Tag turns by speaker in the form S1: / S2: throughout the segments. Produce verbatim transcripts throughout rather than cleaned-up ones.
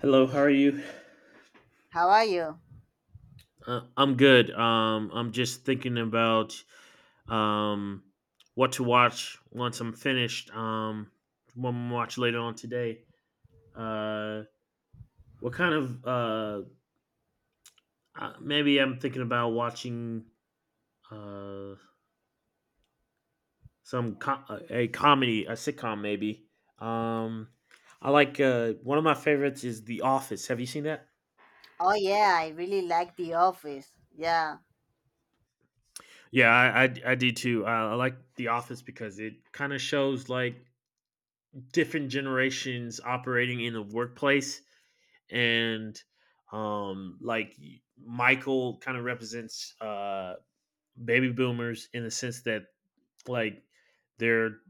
S1: Hello, how are you?
S2: How are you?
S1: Uh, I'm good. Um, I'm just thinking about um what to watch once I'm finished. Um, what I'm gonna watch later on today. Uh, what kind of uh uh, Maybe I'm thinking about watching uh some co- a comedy, a sitcom maybe. Um, I like uh One of my favorites is The Office. Have you seen that?
S2: Oh yeah, I really like The Office. Yeah.
S1: Yeah, I I, I do too. I, I like The Office because it kind of shows like different generations operating in the workplace and um like Michael kind of represents uh baby boomers in the sense that like they're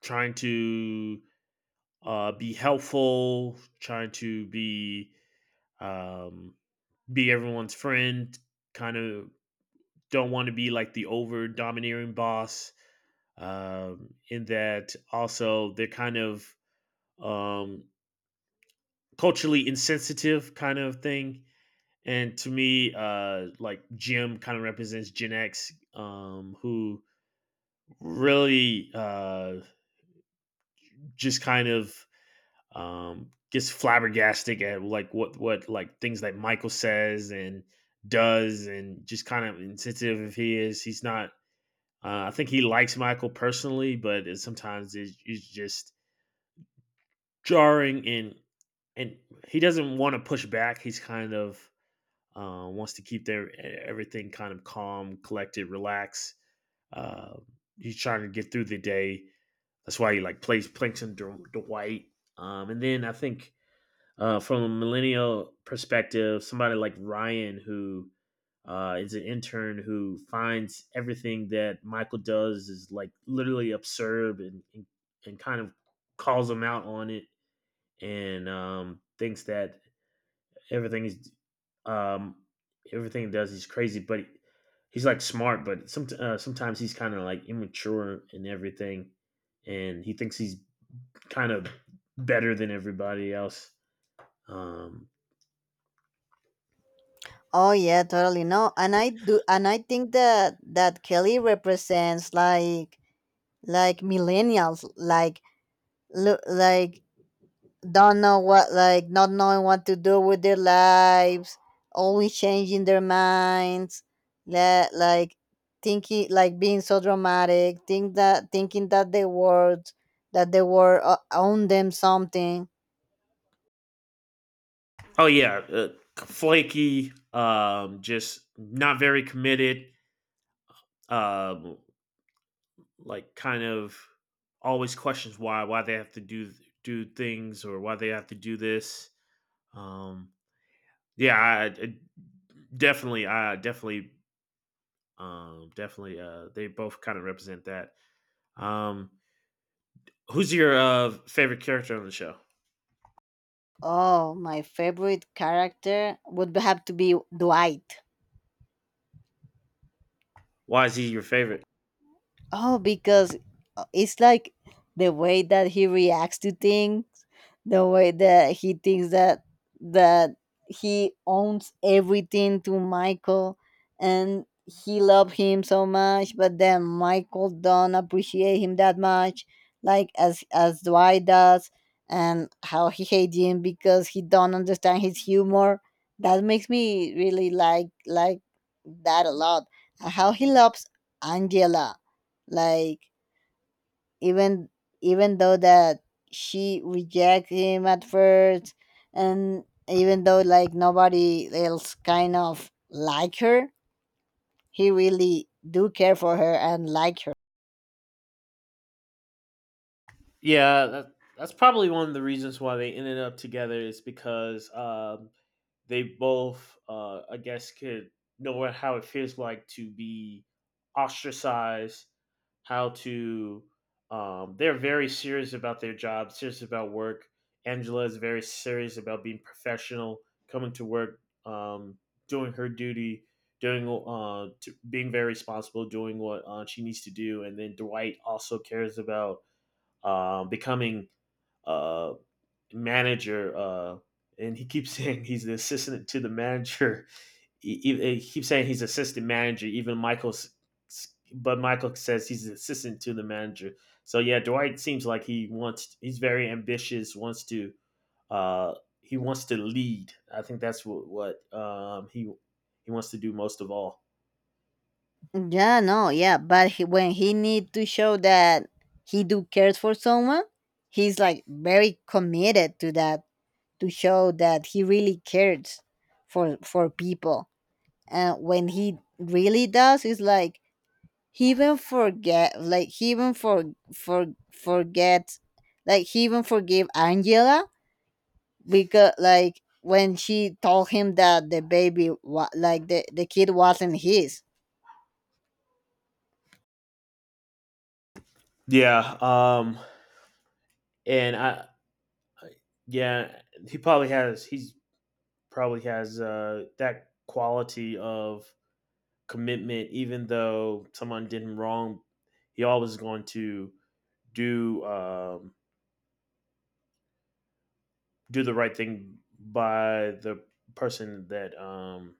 S1: trying to uh be helpful, trying to be um be everyone's friend, kind of don't want to be like the over domineering boss. Um in that, also they're kind of um culturally insensitive, kind of thing. And to me, uh, like Jim kind of represents Gen X, um, who really uh, just kind of um, gets flabbergasted at like what what like things that Michael says and does, and just kind of insensitive if he is. He's not. Uh, I think he likes Michael personally, but it, sometimes it's, it's just jarring, and and he doesn't want to push back. He's kind of uh, wants to keep their e, everything kind of calm, collected, relaxed. Uh, he's trying to get through the day. That's why he like plays Plankton Dwight. Um, and then I think uh, from a millennial perspective, somebody like Ryan, who uh, is an intern, who finds everything that Michael does is like literally absurd, and and, and kind of calls him out on it, and um, thinks that everything he's um everything he does, he's crazy, but he- he's like smart, but some, uh, sometimes he's kind of like immature and everything, and he thinks he's kind of better than everybody else. um
S2: Oh yeah, totally. No, and I do, and I think that that Kelly represents like like millennials, like lo- like don't know what, like not knowing what to do with their lives, always changing their minds, la- like thinking, like being so dramatic, think that thinking that the world that the world uh, own them something.
S1: oh yeah. Uh, flaky, um just not very committed, um like, kind of always questions why why they have to do do things, or why they have to do this. um Yeah, I, I- definitely, I definitely, um, definitely. Uh, they both kind of represent that. Um, Who's your uh, favorite character on the show?
S2: Oh, my favorite character would have to be Dwight.
S1: Why is he your favorite?
S2: Oh, because uh, it's like the way that he reacts to things, the way that he thinks that that he owns everything to Michael, and he loved him so much, but then Michael don't appreciate him that much, like as as Dwight does, and how he hates him because he don't understand his humor. That makes me really like like that a lot. How he loves Angela, like even even though that she reject him at first and even though like nobody else kind of like her, he really do care for her and like her.
S1: Yeah, that, that's probably one of the reasons why they ended up together, is because um they both, uh, I guess, could know what, how it feels like to be ostracized, how to. Um, they're very serious about their job, serious about work. Angela is very serious about being professional, coming to work, um, doing her duty, doing uh, to, being very responsible, doing what uh, she needs to do. And then Dwight also cares about uh, becoming uh, manager, uh, and he keeps saying he's the assistant to the manager. He, he, he keeps saying he's assistant manager. Even Michael's, but Michael says he's the assistant to the manager. So yeah, Dwight seems like he wants. He's very ambitious. Wants to. Uh, he wants to lead. I think that's what what um, he he wants to do most of all.
S2: Yeah, no, yeah, but he, when he need to show that he do cares for someone, he's like very committed to that, to show that he really cares for for people. And when he really does, it's like he even forget, like he even for for forget like he even forgave Angela because like when she told him that the baby wa- like the, the kid wasn't his.
S1: Yeah. Um. And I yeah He probably has he's probably has uh that quality of commitment, even though someone did him wrong, he always going to do um, do the right thing by the person that um,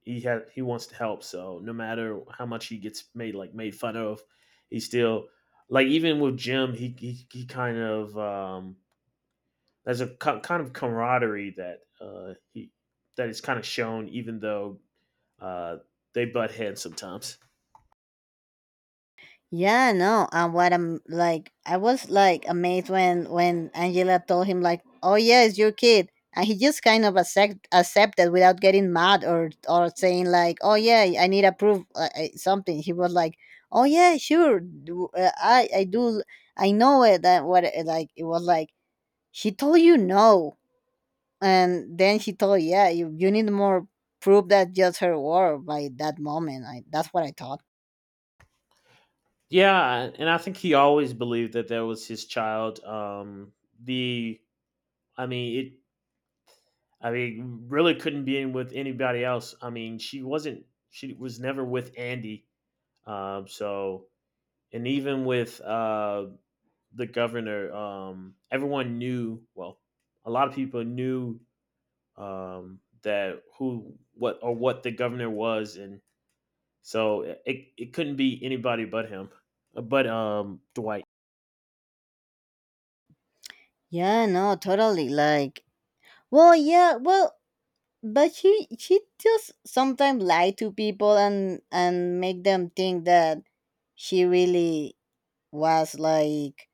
S1: he had he wants to help. So no matter how much he gets made like made fun of, he still, like, even with Jim, he he, he kind of um, there's a co- kind of camaraderie that uh, he that is kind of shown, even though uh, they butt heads sometimes.
S2: Yeah, no. And what I'm like, I was like amazed when when Angela told him like, "Oh yeah, it's your kid," and he just kind of accept accepted without getting mad or or saying like, "Oh yeah, I need approve uh, uh, something." He was like, "Oh yeah, sure, do, uh, I I do, I know it." That what it- like it was like she told you no, and then she told yeah, you you need more proof that just her word by that moment. I, that's what I thought.
S1: Yeah, and I think he always believed that that was his child. Um, the I mean it. I mean, really couldn't be in with anybody else. I mean, she wasn't. She was never with Andy. Um, so, and even with uh the governor, um, everyone knew. Well, a lot of people knew um that who what or what the governor was, and so it it couldn't be anybody but him, but um Dwight.
S2: Yeah, no, totally. Like, well, yeah, well, but she she just sometimes lie to people and and make them think that she really was like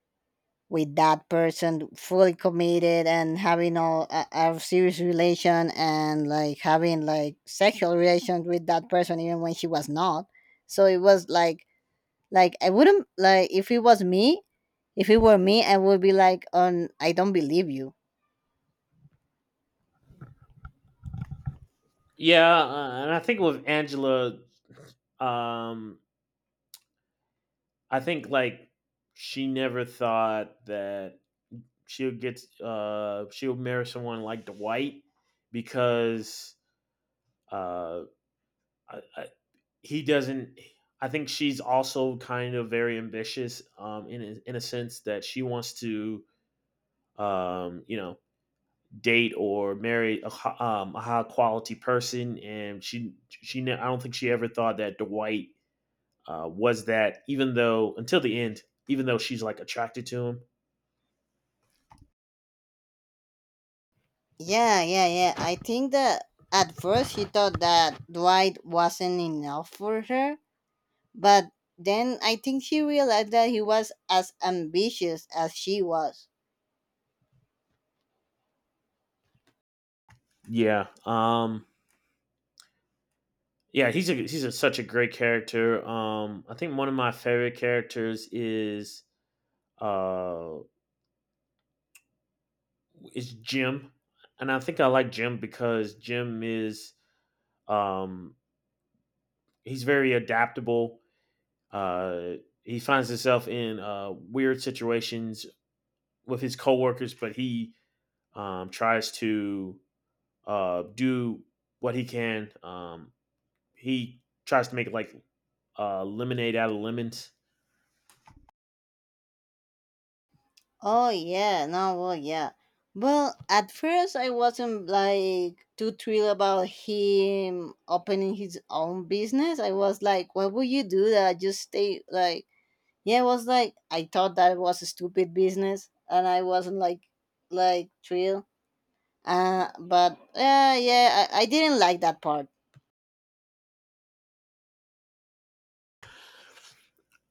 S2: with that person fully committed and having all a, a serious relation and like having like sexual relations with that person even when she was not. So it was like, like I wouldn't like, if it was me, if it were me, I would be like, on I don't believe you.
S1: Yeah, uh, and I think with Angela, um, I think like she never thought that she'll get uh she'll marry someone like Dwight, because uh I, I, he doesn't. I think she's also kind of very ambitious, um, in a- in a sense that she wants to, um, you know, date or marry a, hi- um, a high quality person, and she she ne- I don't think she ever thought that Dwight uh, was that, even though until the end, even though she's like attracted to him.
S2: Yeah, yeah, yeah. I think that at first she thought that Dwight wasn't enough for her, but then I think she realized that he was as ambitious as she was.
S1: Yeah. Um, yeah, he's a he's a, such a great character. Um, I think one of my favorite characters is uh is Jim, and I think I like Jim because Jim is um he's very adaptable. Uh, he finds himself in uh, weird situations with his coworkers, but he um, tries to uh, do what he can, um, he tries to make like uh, lemonade out of lemons.
S2: Oh, yeah, no, well, yeah. Well, at first I wasn't like too thrilled about him opening his own business. I was like, why would you do that? Just stay like, yeah, I was like, I thought that was a stupid business, and I wasn't like, like thrilled. Uh, but uh, yeah, I, I didn't like that part.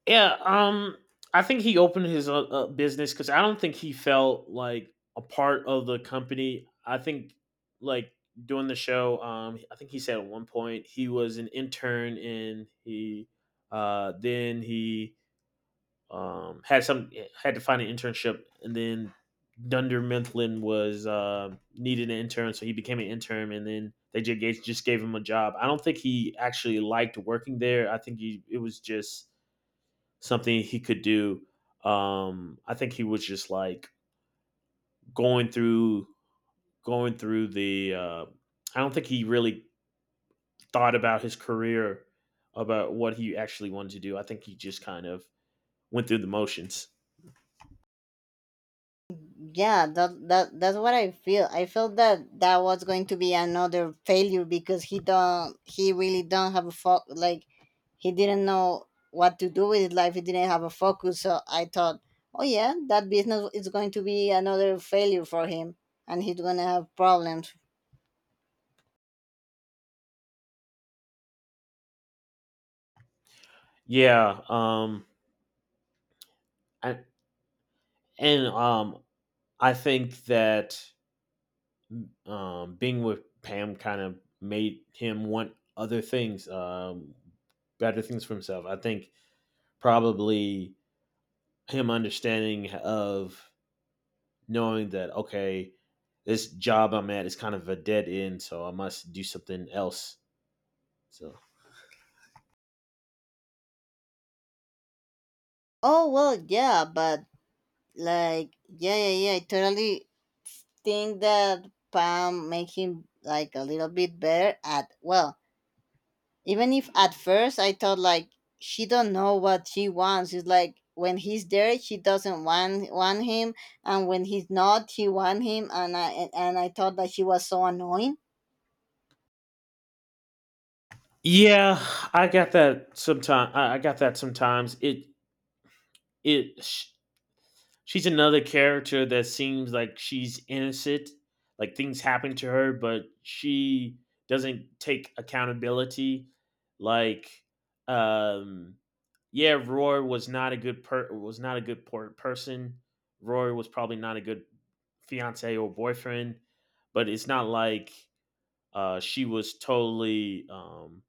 S1: Yeah, um, I think he opened his uh, uh, business, because I don't think he felt like a part of the company. I think, like, doing the show, um, I think he said at one point he was an intern, and he uh, then he Um, had some had to find an internship, and then Dunder Mifflin was uh, needed an intern, so he became an intern, and then they just gave, just gave him a job. I don't think he actually liked working there. I think he, it was just something he could do. Um, I think he was just like going through going through the. Uh, I don't think he really thought about his career, about what he actually wanted to do. I think he just kind of went through the motions.
S2: Yeah, that that that's what I feel. I felt that that was going to be another failure because he don't he really don't have a fo- like he didn't know what to do with his life. He didn't have a focus. So I thought, oh yeah, that business is going to be another failure for him, and he's gonna have problems.
S1: Yeah, um, I, And um, I think that um, being with Pam kind of made him want other things, um, better things for himself. I think probably him understanding of knowing that, okay, this job I'm at is kind of a dead end, so I must do something else. So
S2: Oh well, yeah, but like yeah, yeah, yeah. I totally think that Pam make him like a little bit better at, well, even if at first I thought like she don't know what she wants. It's like when he's there she doesn't want want him, and when he's not she want him. And I and, and I thought that she was so annoying.
S1: yeah, I got that sometime. I I got that sometimes. It it sh- She's another character that seems like she's innocent, like things happen to her, but she doesn't take accountability. Like, um, yeah, Roy was not a good per was not a good per- person. Roy was probably not a good fiance or boyfriend, but it's not like uh, she was totally um,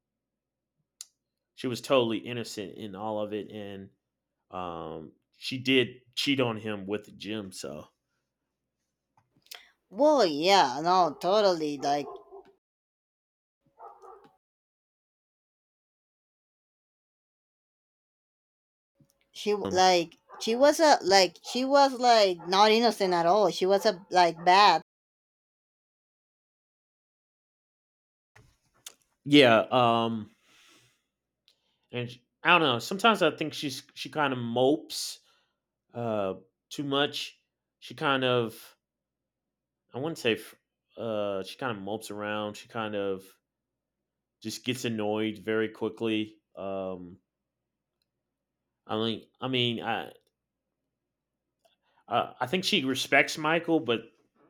S1: she was totally innocent in all of it, and um, she did cheat on him with Jim. So
S2: Well yeah, no, totally. Like she w-
S1: Um,
S2: like she was a like she was like not innocent at all. She was a like bad.
S1: yeah, um, and sh I don't know. Sometimes I think she's she kind of mopes uh too much. She kind of I wouldn't say f- uh She kind of mopes around. She kind of just gets annoyed very quickly. Um, I mean, I mean, I Uh, I think she respects Michael, but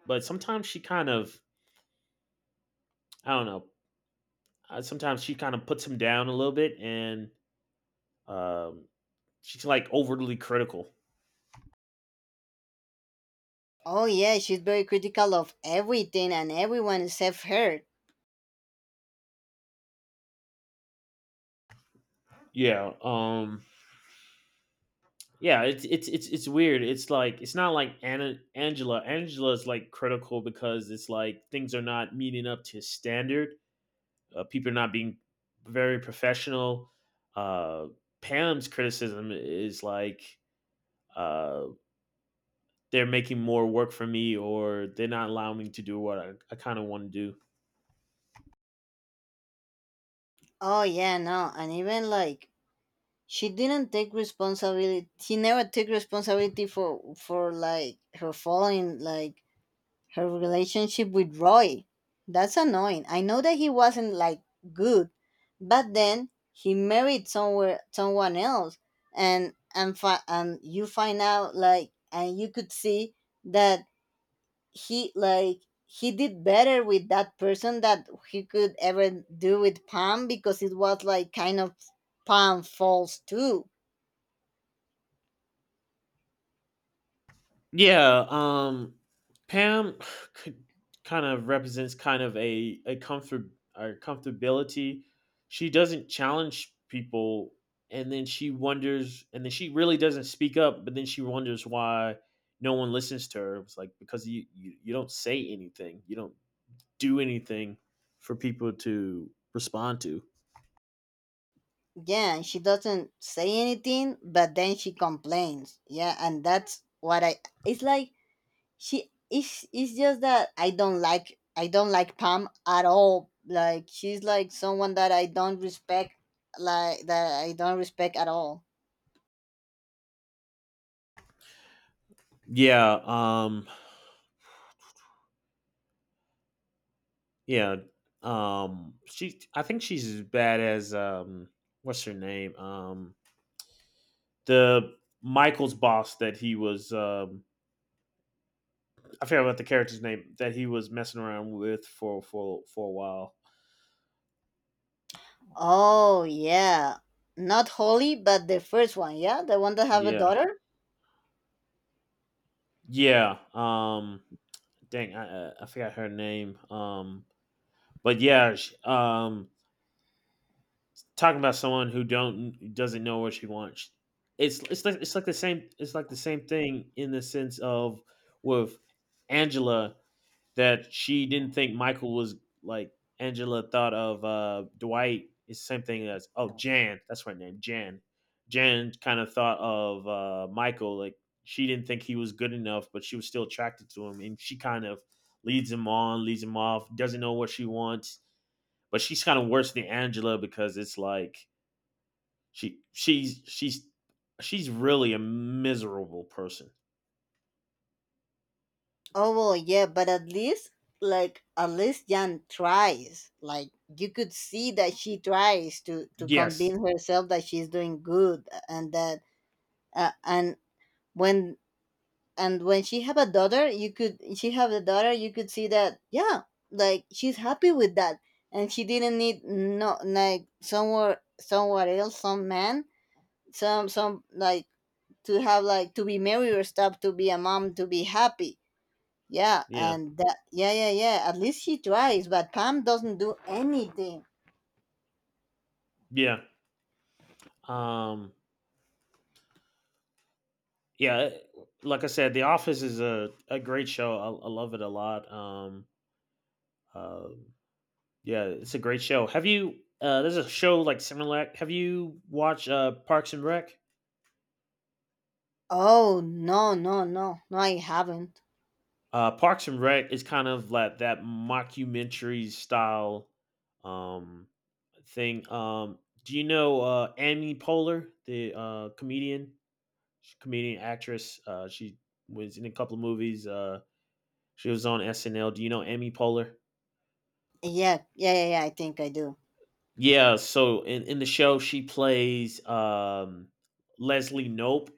S1: but sometimes she kind of I don't know. Uh, sometimes she kind of puts him down a little bit, and um, she's like overly critical.
S2: Oh yeah, she's very critical of everything and everyone except her.
S1: Yeah, um, yeah. It's it's it's it's weird. It's like it's not like Anna Angela. Angela's like critical because it's like things are not meeting up to his standard. Uh, people are not being very professional. Uh, Pam's criticism is like uh, they're making more work for me, or they're not allowing me to do what I, I kind of want to do.
S2: Oh yeah, no, and even like she didn't take responsibility. She never took responsibility for for like her following like her relationship with Roy. That's annoying. I know that he wasn't like good, but then he married somewhere someone else, and and fi- and you find out like and you could see that he like he did better with that person that he could ever do with Pam because it was like kind of Pam falls too.
S1: Yeah. um Pam could kind of represents, kind of a a comfort or comfortability. She doesn't challenge people, and then she wonders and then she really doesn't speak up, but then she wonders why no one listens to her. It's like because you you, you don't say anything. You don't do anything for people to respond to.
S2: Yeah, and she doesn't say anything, but then she complains. Yeah, and that's what I. It's like she. It's it's just that I don't like I don't like Pam at all. Like she's like someone that I don't respect. Like that I don't respect at all.
S1: Yeah, um yeah. Um she I think she's as bad as um what's her name? Um the Michael's boss that he was um I forget what the character's name that he was messing around with for for for a while.
S2: Oh yeah, not Holly, but the first one, yeah, the one that have a
S1: Yeah.
S2: daughter.
S1: Yeah. Um dang, I I I forgot her name. Um but yeah, sh um talking about someone who don't doesn't know what she wants. It's it's like it's like the same it's like the same thing in the sense of with Angela, that she didn't think Michael was like. Angela thought of uh, Dwight is the same thing as, oh, Jan, that's her name. Jan. Jan kind of thought of uh, Michael like, she didn't think he was good enough, but she was still attracted to him, and she kind of leads him on, leads him off, doesn't know what she wants. But she's kind of worse than Angela because it's like she she's she's she's really a miserable person.
S2: Oh well, yeah, but at least like at least Jan tries. Like you could see that she tries to to
S1: Yes.
S2: convince herself that she's doing good, and that uh, and when and when she have a daughter, you could she have a daughter, you could see that yeah, like she's happy with that, and she didn't need no like somewhere somewhere else, some man, some some like to have, like to be merry or stuff, to be a mom, to be happy. Yeah,
S1: Yeah,
S2: and that, yeah, yeah, yeah, at least she tries, but Pam doesn't do anything.
S1: yeah. um yeah, like I said, The Office is a, a great show. I, I love it a lot. um uh yeah, it's a great show. Have you, uh there's a show like similar, have you watched uh Parks and Rec?
S2: Oh no, no, no, no, I haven't.
S1: Uh parks and Rec is kind of like that mockumentary style um thing. um do you know uh Amy Poehler, the uh comedian? She's a comedian, actress. uh she was in a couple of movies. uh she was on SNL. Do you know Amy Poehler?
S2: Yeah, yeah, yeah, yeah, I think I do.
S1: Yeah, so in, in the show, she plays um, Leslie Nope,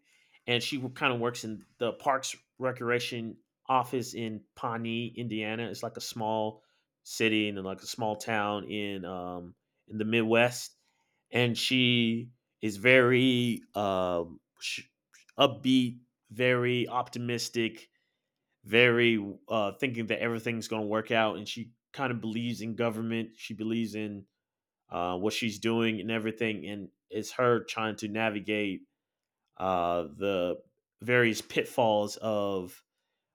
S1: and she kind of works in the Parks Recreation office in Pawnee, Indiana. It's like a small city and like a small town in um, in the Midwest, and she is very um, sh- upbeat, very optimistic, very uh, thinking that everything's going to work out, and she kind of believes in government. She believes in uh, what she's doing and everything, and it's her trying to navigate uh, the various pitfalls of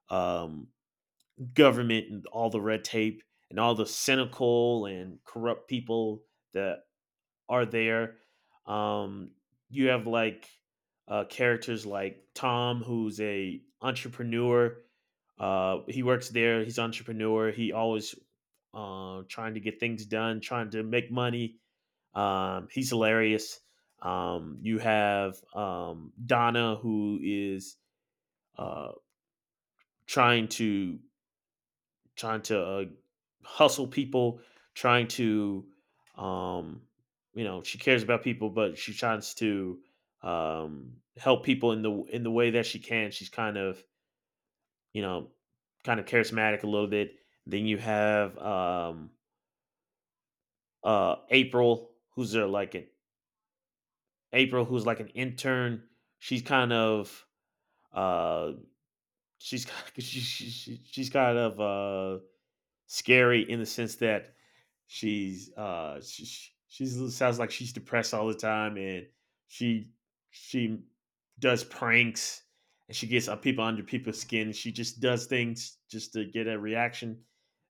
S1: um, government and all the red tape and all the cynical and corrupt people that are there. Um, you have like uh, characters like Tom, who's a entrepreneur. Uh, he works there. He's an entrepreneur. He always uh, trying to get things done, trying to make money. Um, he's hilarious. Um, you have um, Donna, who is uh, trying to trying to uh, hustle people, trying to, um, you know, she cares about people, but she tries to um, help people in the in the way that she can. She's kind of, you know, kind of charismatic a little bit. Then you have um, uh, April, who's there like an April, who's like an intern. She's kind of, uh, she's she's she's she's kind of. Uh, scary in the sense that she's uh she, she- she's, sounds like she's depressed all the time. And she she does pranks, and she gets uh, people, under people's skin, she just does things just to get a reaction.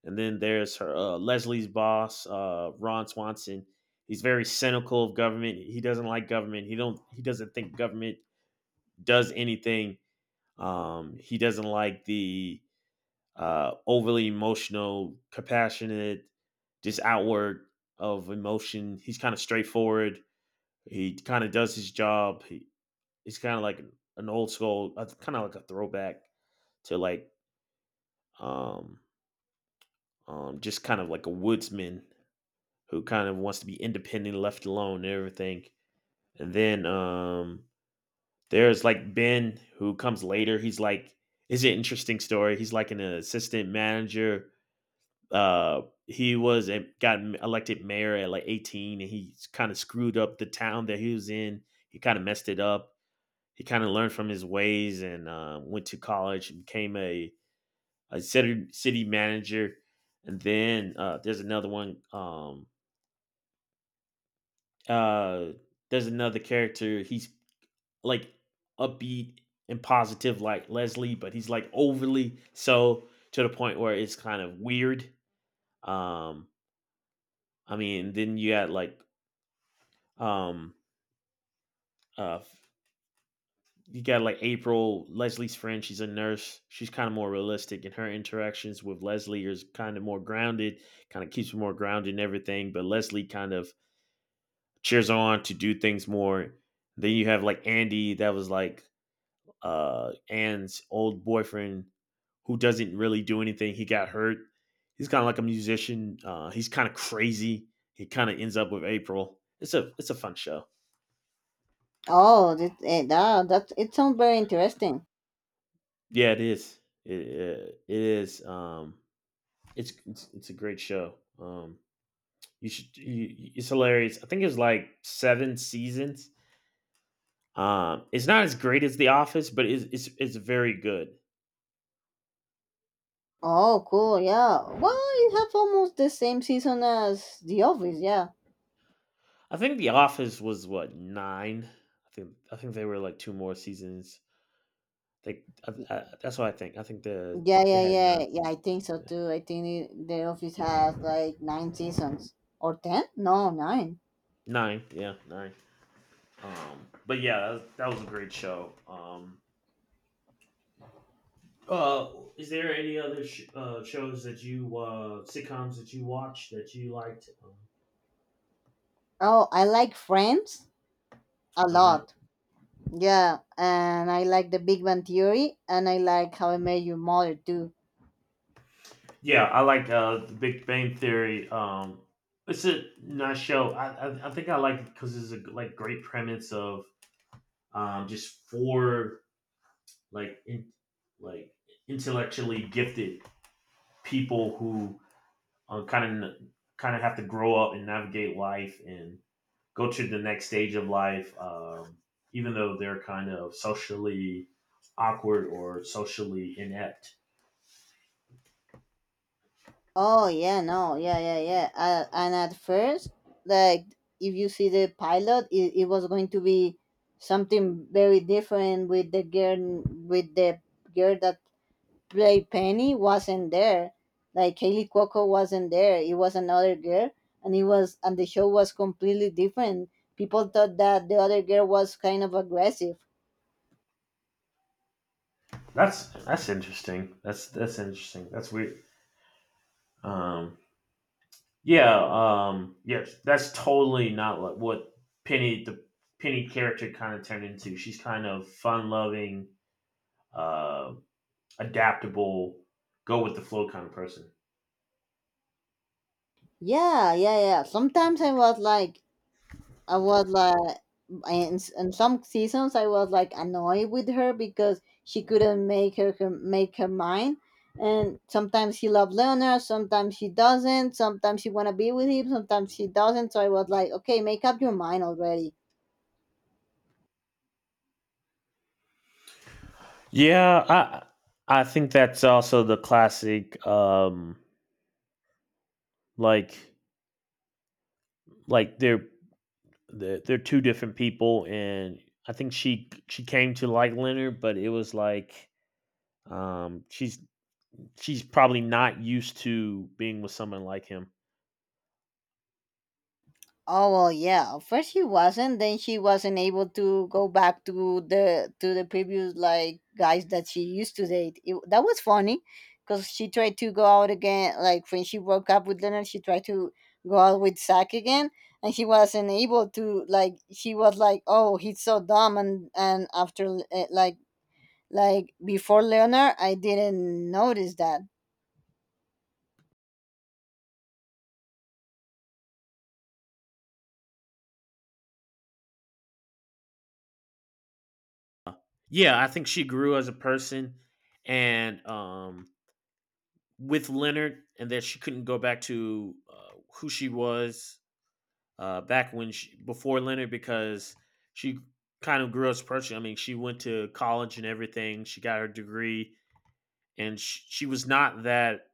S1: And then there's her uh, Leslie's boss, uh Ron Swanson. He's very cynical of government. He doesn't like government. He don't he doesn't think government does anything. um he doesn't like the uh, overly emotional, compassionate, just outward of emotion. He's kind of straightforward. He kind of does his job. He, he's kind of like an old school, uh, kind of like a throwback to like um, um, just kind of like a woodsman who kind of wants to be independent, left alone, and everything. And then um, there's like Ben who comes later. He's like, is an interesting story. He's like an assistant manager. Uh, he was a, got elected mayor at like eighteen, and he kind of screwed up the town that he was in. He kind of messed it up. He kind of learned from his ways and uh, went to college and became a, a city, city manager. And then uh, there's another one. Um, uh, there's another character. He's like upbeat and positive, like Leslie, but he's like overly so to the point where it's kind of weird. Um, I mean, then you got like Um, uh, you got like April, Leslie's friend. She's a nurse. She's kind of more realistic, and her interactions with Leslie is kind of more grounded. Kind of keeps her more grounded and everything. But Leslie kind of cheers her on to do things more. Then you have like Andy, that was like uh Anne's old boyfriend, who doesn't really do anything. He got hurt. He's kind of like a musician. Uh, he's kind of crazy. He kind of ends up with April. It's a it's a fun show.
S2: Oh, that, eh, that that it sounds very interesting.
S1: Yeah, it is. It it it is. Um, it's it's, it's a great show. Um, you should. You, you- it's hilarious. I think it was like seven seasons. Um, it's not as great as The Office, but it's it's it's very good.
S2: Oh cool, yeah, well, it have almost the same season as The Office. Yeah,
S1: I think The Office was what, nine. I think I think they were like two more seasons. Like I, I, that's what I think. I think the
S2: yeah,
S1: they
S2: yeah,
S1: had nine
S2: yeah, yeah. I
S1: seasons.
S2: think so
S1: Yeah,
S2: too. I think, it, the Office has like nine seasons or ten? No, nine.
S1: nine. Yeah, nine. Um, but yeah, that was, that was a great show. Um, Uh, is there any other sh- uh, shows that you, uh, sitcoms that you watch that you liked?
S2: Oh, I like Friends a
S1: Uh huh.
S2: lot. Yeah, and I like The Big Bang Theory, and I like How I Met Your Mother too.
S1: Yeah, I like uh, the Big Bang Theory. Um, it's a nice show. I I, I think I like it because it's a like great premise of um, just four like in, like intellectually gifted people who kind of kind of have to grow up and navigate life and go to the next stage of life, um, even though they're kind of socially awkward or socially inept.
S2: Oh yeah, no, yeah, yeah, yeah. Uh, and at first, like if you see the pilot, it, it was going to be something very different with the girl with the girl that Play Penny wasn't there. Like Kaylee Cuoco wasn't there. It was another girl, and it was and the show was completely different. People thought that the other girl was kind of aggressive.
S1: That's that's interesting. That's that's interesting. That's weird. Um, yeah, um, yes, that's totally not like what Penny the Penny character kind of turned into. She's kind of fun loving, uh, adaptable, go with the flow kind of person.
S2: Yeah, yeah, yeah. Sometimes I was like, I was like, in, in some seasons I was like annoyed with her because she couldn't make her, her make her mind. And sometimes she loved Leonard, sometimes she doesn't. Sometimes she wanna be with him, sometimes she doesn't. So I was like, okay, make up your mind already.
S1: Yeah, I I think that's also the classic um like like they're they're, they're two different people, and I think she she came to like Leonard, but it was like um she's she's probably not used to being with someone like him.
S2: Oh well, yeah. At first she wasn't. Then she wasn't able to go back to the to the previous like guys that she used to date. It, that was funny, because she tried to go out again. Like when she broke up with Leonard, she tried to go out with Zach again, and she wasn't able to. Like she was like, "Oh, he's so dumb," and and after uh, like like before Leonard, I didn't notice that.
S1: Yeah, I think she grew as a person, and um with Leonard, and that she couldn't go back to uh, who she was uh back when she, before Leonard, because she kind of grew as a person. I mean, she went to college and everything. She got her degree, and she, she was not that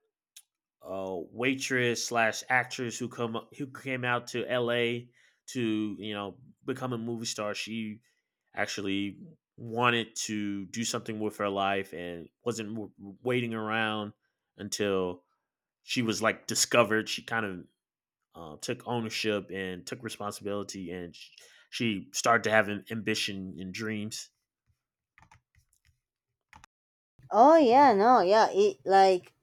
S1: uh, waitress slash actress who come who came out to L A to, you know, become a movie star. She actually wanted to do something with her life and wasn't w- waiting around until she was like discovered. She kind of uh, took ownership and took responsibility, and sh- she started to have an ambition and dreams.
S2: Oh yeah, no, yeah. It like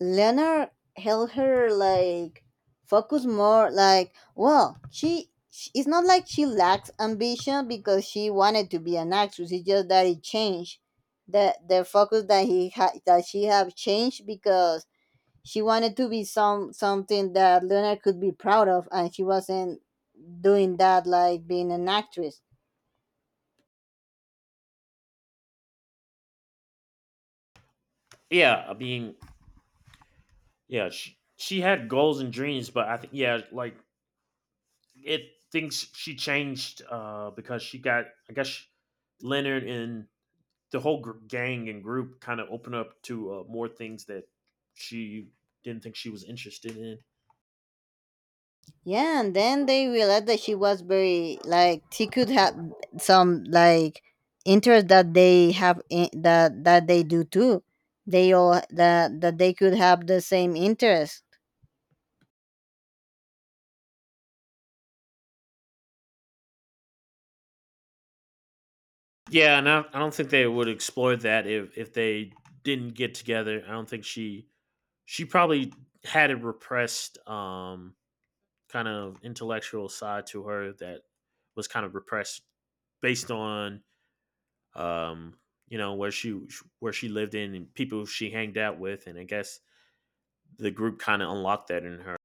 S2: Leonard held her like focus more like, well, she, she, it's not like she lacks ambition because she wanted to be an actress. It's just that it changed the the focus that he had that she have changed because she wanted to be some something that Leonard could be proud of, and she wasn't doing that like being an actress.
S1: Yeah, I mean, yeah, she, she had goals and dreams, but I think yeah, like it thinks she changed uh, because she got, I guess she- Leonard and the whole gr- gang and group kind of opened up to uh, more things that she didn't think she was interested in.
S2: Yeah, and then they realized that she was very like she could have some like interest that they have in, that that they do too. They all that that they could have the same interest.
S1: Yeah, and I, I don't think they would explore that if if they didn't get together. I don't think she she probably had a repressed um, kind of intellectual side to her that was kind of repressed based on um, you know, where she where she lived in and people she hanged out with, and I guess the group kind of unlocked that in her.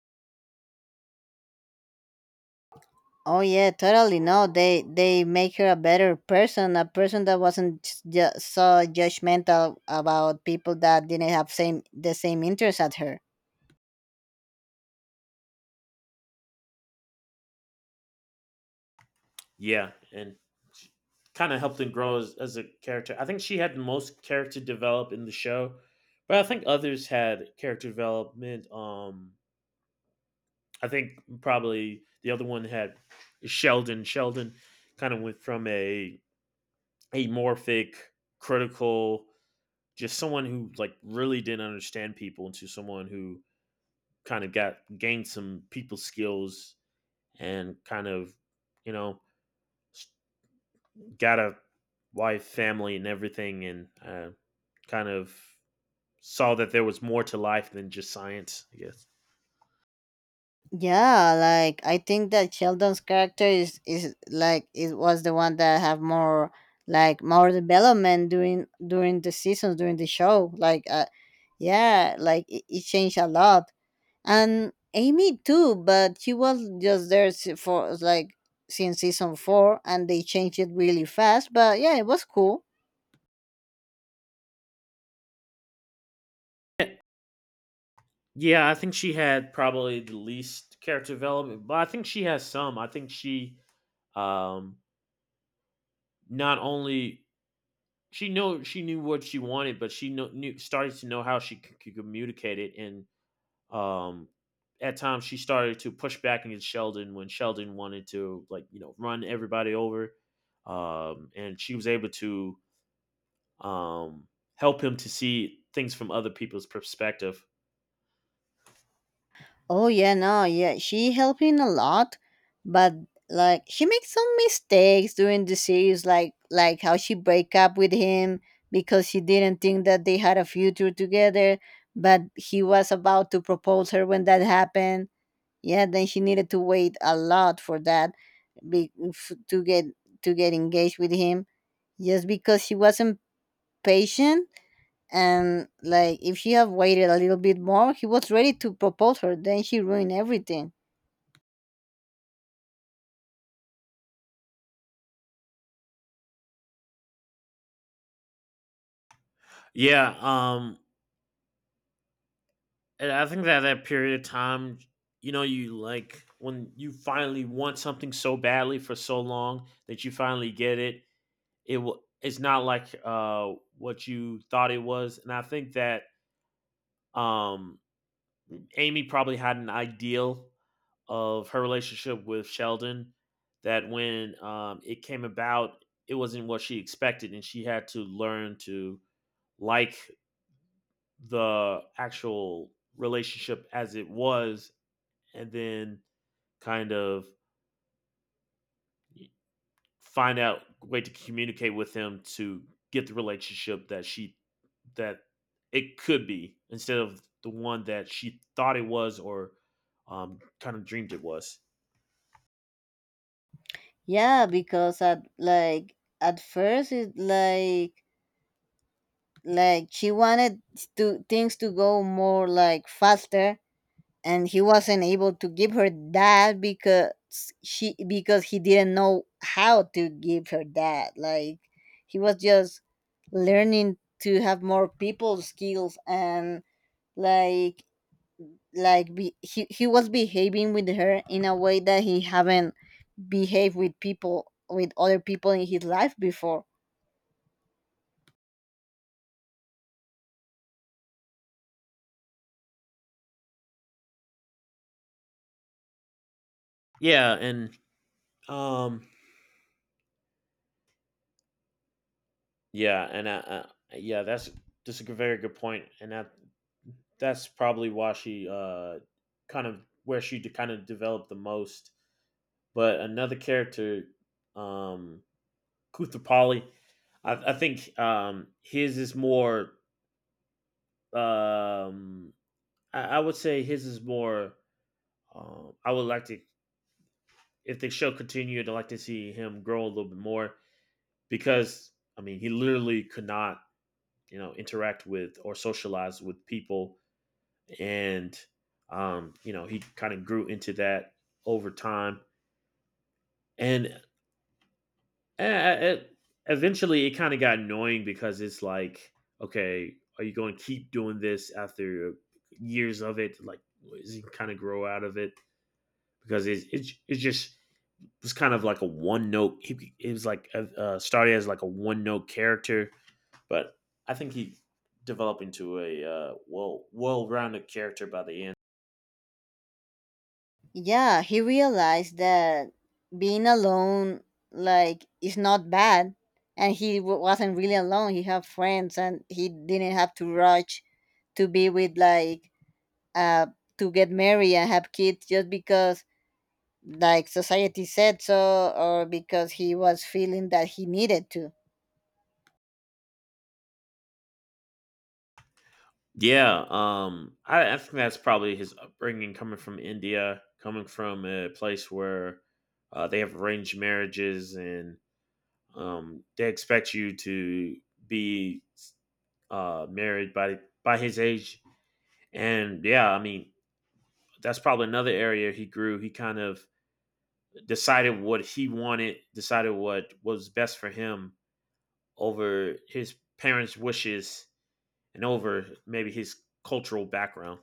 S2: Oh yeah, totally. No, they they make her a better person, a person that wasn't ju- so judgmental about people that didn't have same the same interest as her.
S1: Yeah, and kind of helped him grow as, as a character. I think she had the most character develop in the show, but I think others had character development. Um, I think probably the other one had Sheldon. Sheldon kind of went from a amorphic, critical, just someone who like really didn't understand people into someone who kind of got gained some people skills, and kind of, you know, got a wife, family, and everything, and uh, kind of saw that there was more to life than just science, I guess.
S2: Yeah, like I think that Sheldon's character is is like it was the one that have more like more development during during the seasons during the show. Like uh, yeah, like it, it changed a lot. And Amy too, but she was just there s- for like since season four, and they changed it really fast, but yeah, it was cool.
S1: Yeah, I think she had probably the least character development, but I think she has some. I think she um, not only she know she knew what she wanted, but she kno- knew, started to know, how she c- could communicate it. And Um, at times she started to push back against Sheldon when Sheldon wanted to, like, you know, run everybody over, um, and she was able to um, help him to see things from other people's perspective.
S2: Oh yeah, no, yeah, she helping a lot, but like she makes some mistakes during the series, like like how she break up with him because she didn't think that they had a future together, but he was about to propose her when that happened. Yeah, then she needed to wait a lot for that, be, f- to get to get engaged with him, just because she wasn't patient. And like if she had waited a little bit more, he was ready to propose her. Then she ruined everything.
S1: Yeah, um, and I think that that period of time, you know, you like when you finally want something so badly for so long that you finally get it. It will. It's not like uh, what you thought it was, and I think that um, Amy probably had an ideal of her relationship with Sheldon that when um, it came about, it wasn't what she expected, and she had to learn to like the actual relationship as it was, and then kind of find out a way to communicate with him to get the relationship that she that it could be, instead of the one that she thought it was, or um, kind of dreamed it was.
S2: Yeah, because at like at first it like like she wanted to things to go more like faster, and he wasn't able to give her that because she because he didn't know how to give her that. Like he was just learning to have more people skills, and like like be, he, he was behaving with her in a way that he haven't behaved with people with other people in his life before.
S1: Yeah, and um, yeah, and uh, uh, yeah, that's just a g- very good point, and that that's probably why she uh kind of, where she de- kind of developed the most. But another character, um, Kuthapali, I, I think um his is more um I, I would say his is more um I would like to, if the show continued, I'd like to see him grow a little bit more because I mean, he literally could not, you know, interact with or socialize with people. And, um, you know, he kind of grew into that over time. And uh, eventually it kind of got annoying because it's like, okay, are you going to keep doing this after years of it? Like, is he kind of grow out of it? Because it's, it's, it's just, it was kind of like a one note. He, it was like, uh, uh, started as like a one note character. But I think he developed into a uh, well well-rounded character by the end.
S2: Yeah, he realized that being alone, like, is not bad. And he w- wasn't really alone. He had friends, and he didn't have to rush to be with, like, uh, to get married and have kids just because, like, society said so, or because he was feeling that he needed to.
S1: Yeah, um, I, I think that's probably his upbringing, coming from India, coming from a place where uh, they have arranged marriages and um, they expect you to be uh, married by by his age. And yeah, I mean that's probably another area he grew. He kind of decided what he wanted, decided what was best for him, over his parents' wishes and over maybe his cultural background.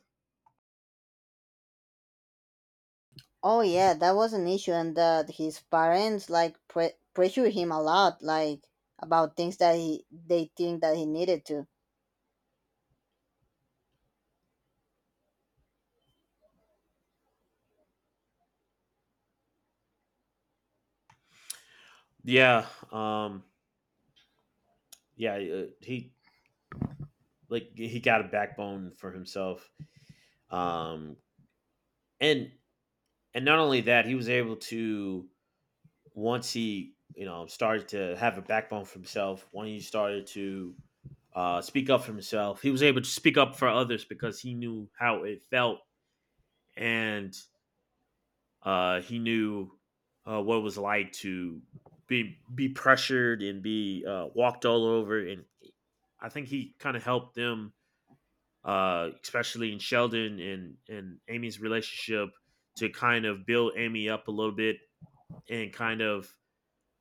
S2: Oh yeah, that was an issue, and that his parents like pre- pressure him a lot, like about things that he they think that he needed to.
S1: Yeah, um, yeah, uh, he like he got a backbone for himself, um, and and not only that, he was able to, once he, you know, started to have a backbone for himself. When he started to uh, speak up for himself, he was able to speak up for others because he knew how it felt, and Uh, he knew uh, what it was like to be be pressured and be uh, walked all over. And I think he kind of helped them, uh, especially in Sheldon and and Amy's relationship, to kind of build Amy up a little bit and kind of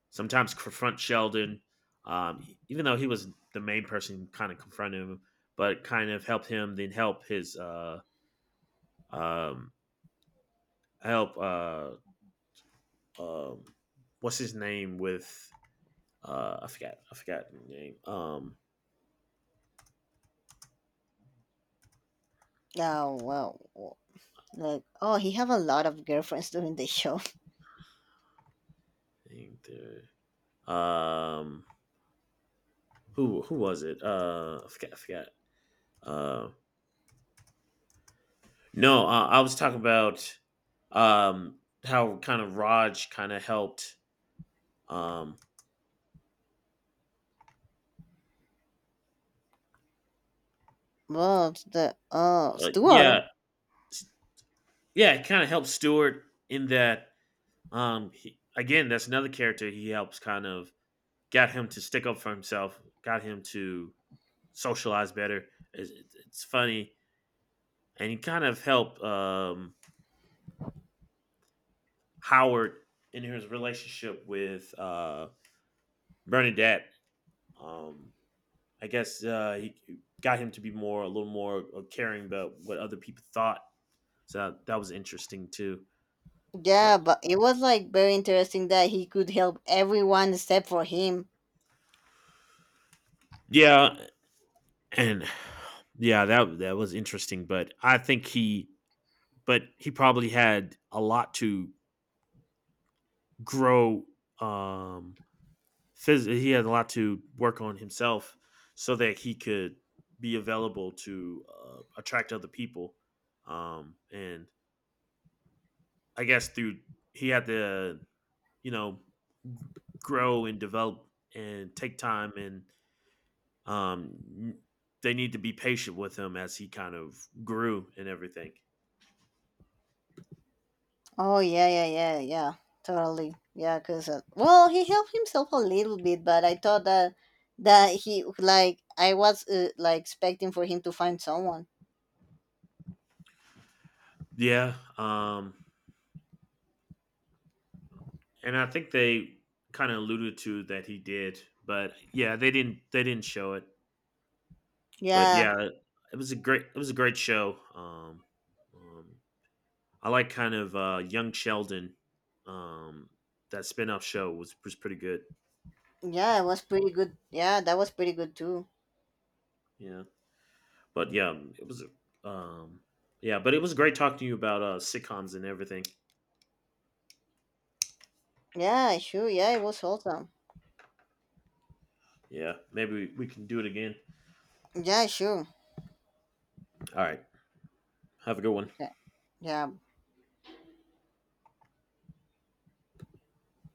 S1: sometimes confront Sheldon, um, e, even though he was the main person kind of confronting him, but kind of help him, then help his uh, um, help uh, um, what's his name, with uh I forgot, I forgot the name. Um
S2: Oh well, w- like, oh, he have a lot of girlfriends during the show.
S1: um who who was it? Uh I forgot, I forgot. Uh no, uh, I was talking about um how kind of Raj kind of helped um
S2: Well, the uh
S1: uh,
S2: Stuart.
S1: yeah, yeah, it kind of helped Stewart in that um he, again, that's another character he helps, kind of got him to stick up for himself, got him to socialize better. It's, it's funny. And he kind of helped um Howard in his relationship with uh, Bernadette. Um, I guess uh, he got him to be more, a little more caring about what other people thought. So that, that was interesting too. But-
S2: Yeah, but it was like very interesting that he could help everyone except for him.
S1: yeah, and yeah, that that was interesting. But I think he, but he probably had a lot to grow um phys- he had a lot to work on himself so that he could be available to uh, attract other people, um, and I guess through, he had to, you know, grow and develop and take time, and um, they need to be patient with him as he kind of grew and everything.
S2: Oh yeah, yeah, yeah, yeah, totally. Yeah, cause uh, well, he helped himself a little bit, but I thought that that he like I was uh, like expecting for him to find someone.
S1: Yeah, um, and I think they kind of alluded to that he did, but yeah, they didn't they didn't show it. But
S2: Yeah,
S1: yeah, it was a great it was a great show. Um, um, I like kind of uh, Young Sheldon. Um, that spin-off show was was pretty good.
S2: yeah, it was pretty good. Yeah, that was pretty good too.
S1: Yeah, but yeah, um, it was um, yeah, but it was great talking to you about uh, sitcoms and everything.
S2: Yeah, sure. Yeah, it was awesome.
S1: Yeah, maybe we, we can do it again.
S2: Yeah, sure.
S1: All right, have a good one.
S2: Okay. Yeah,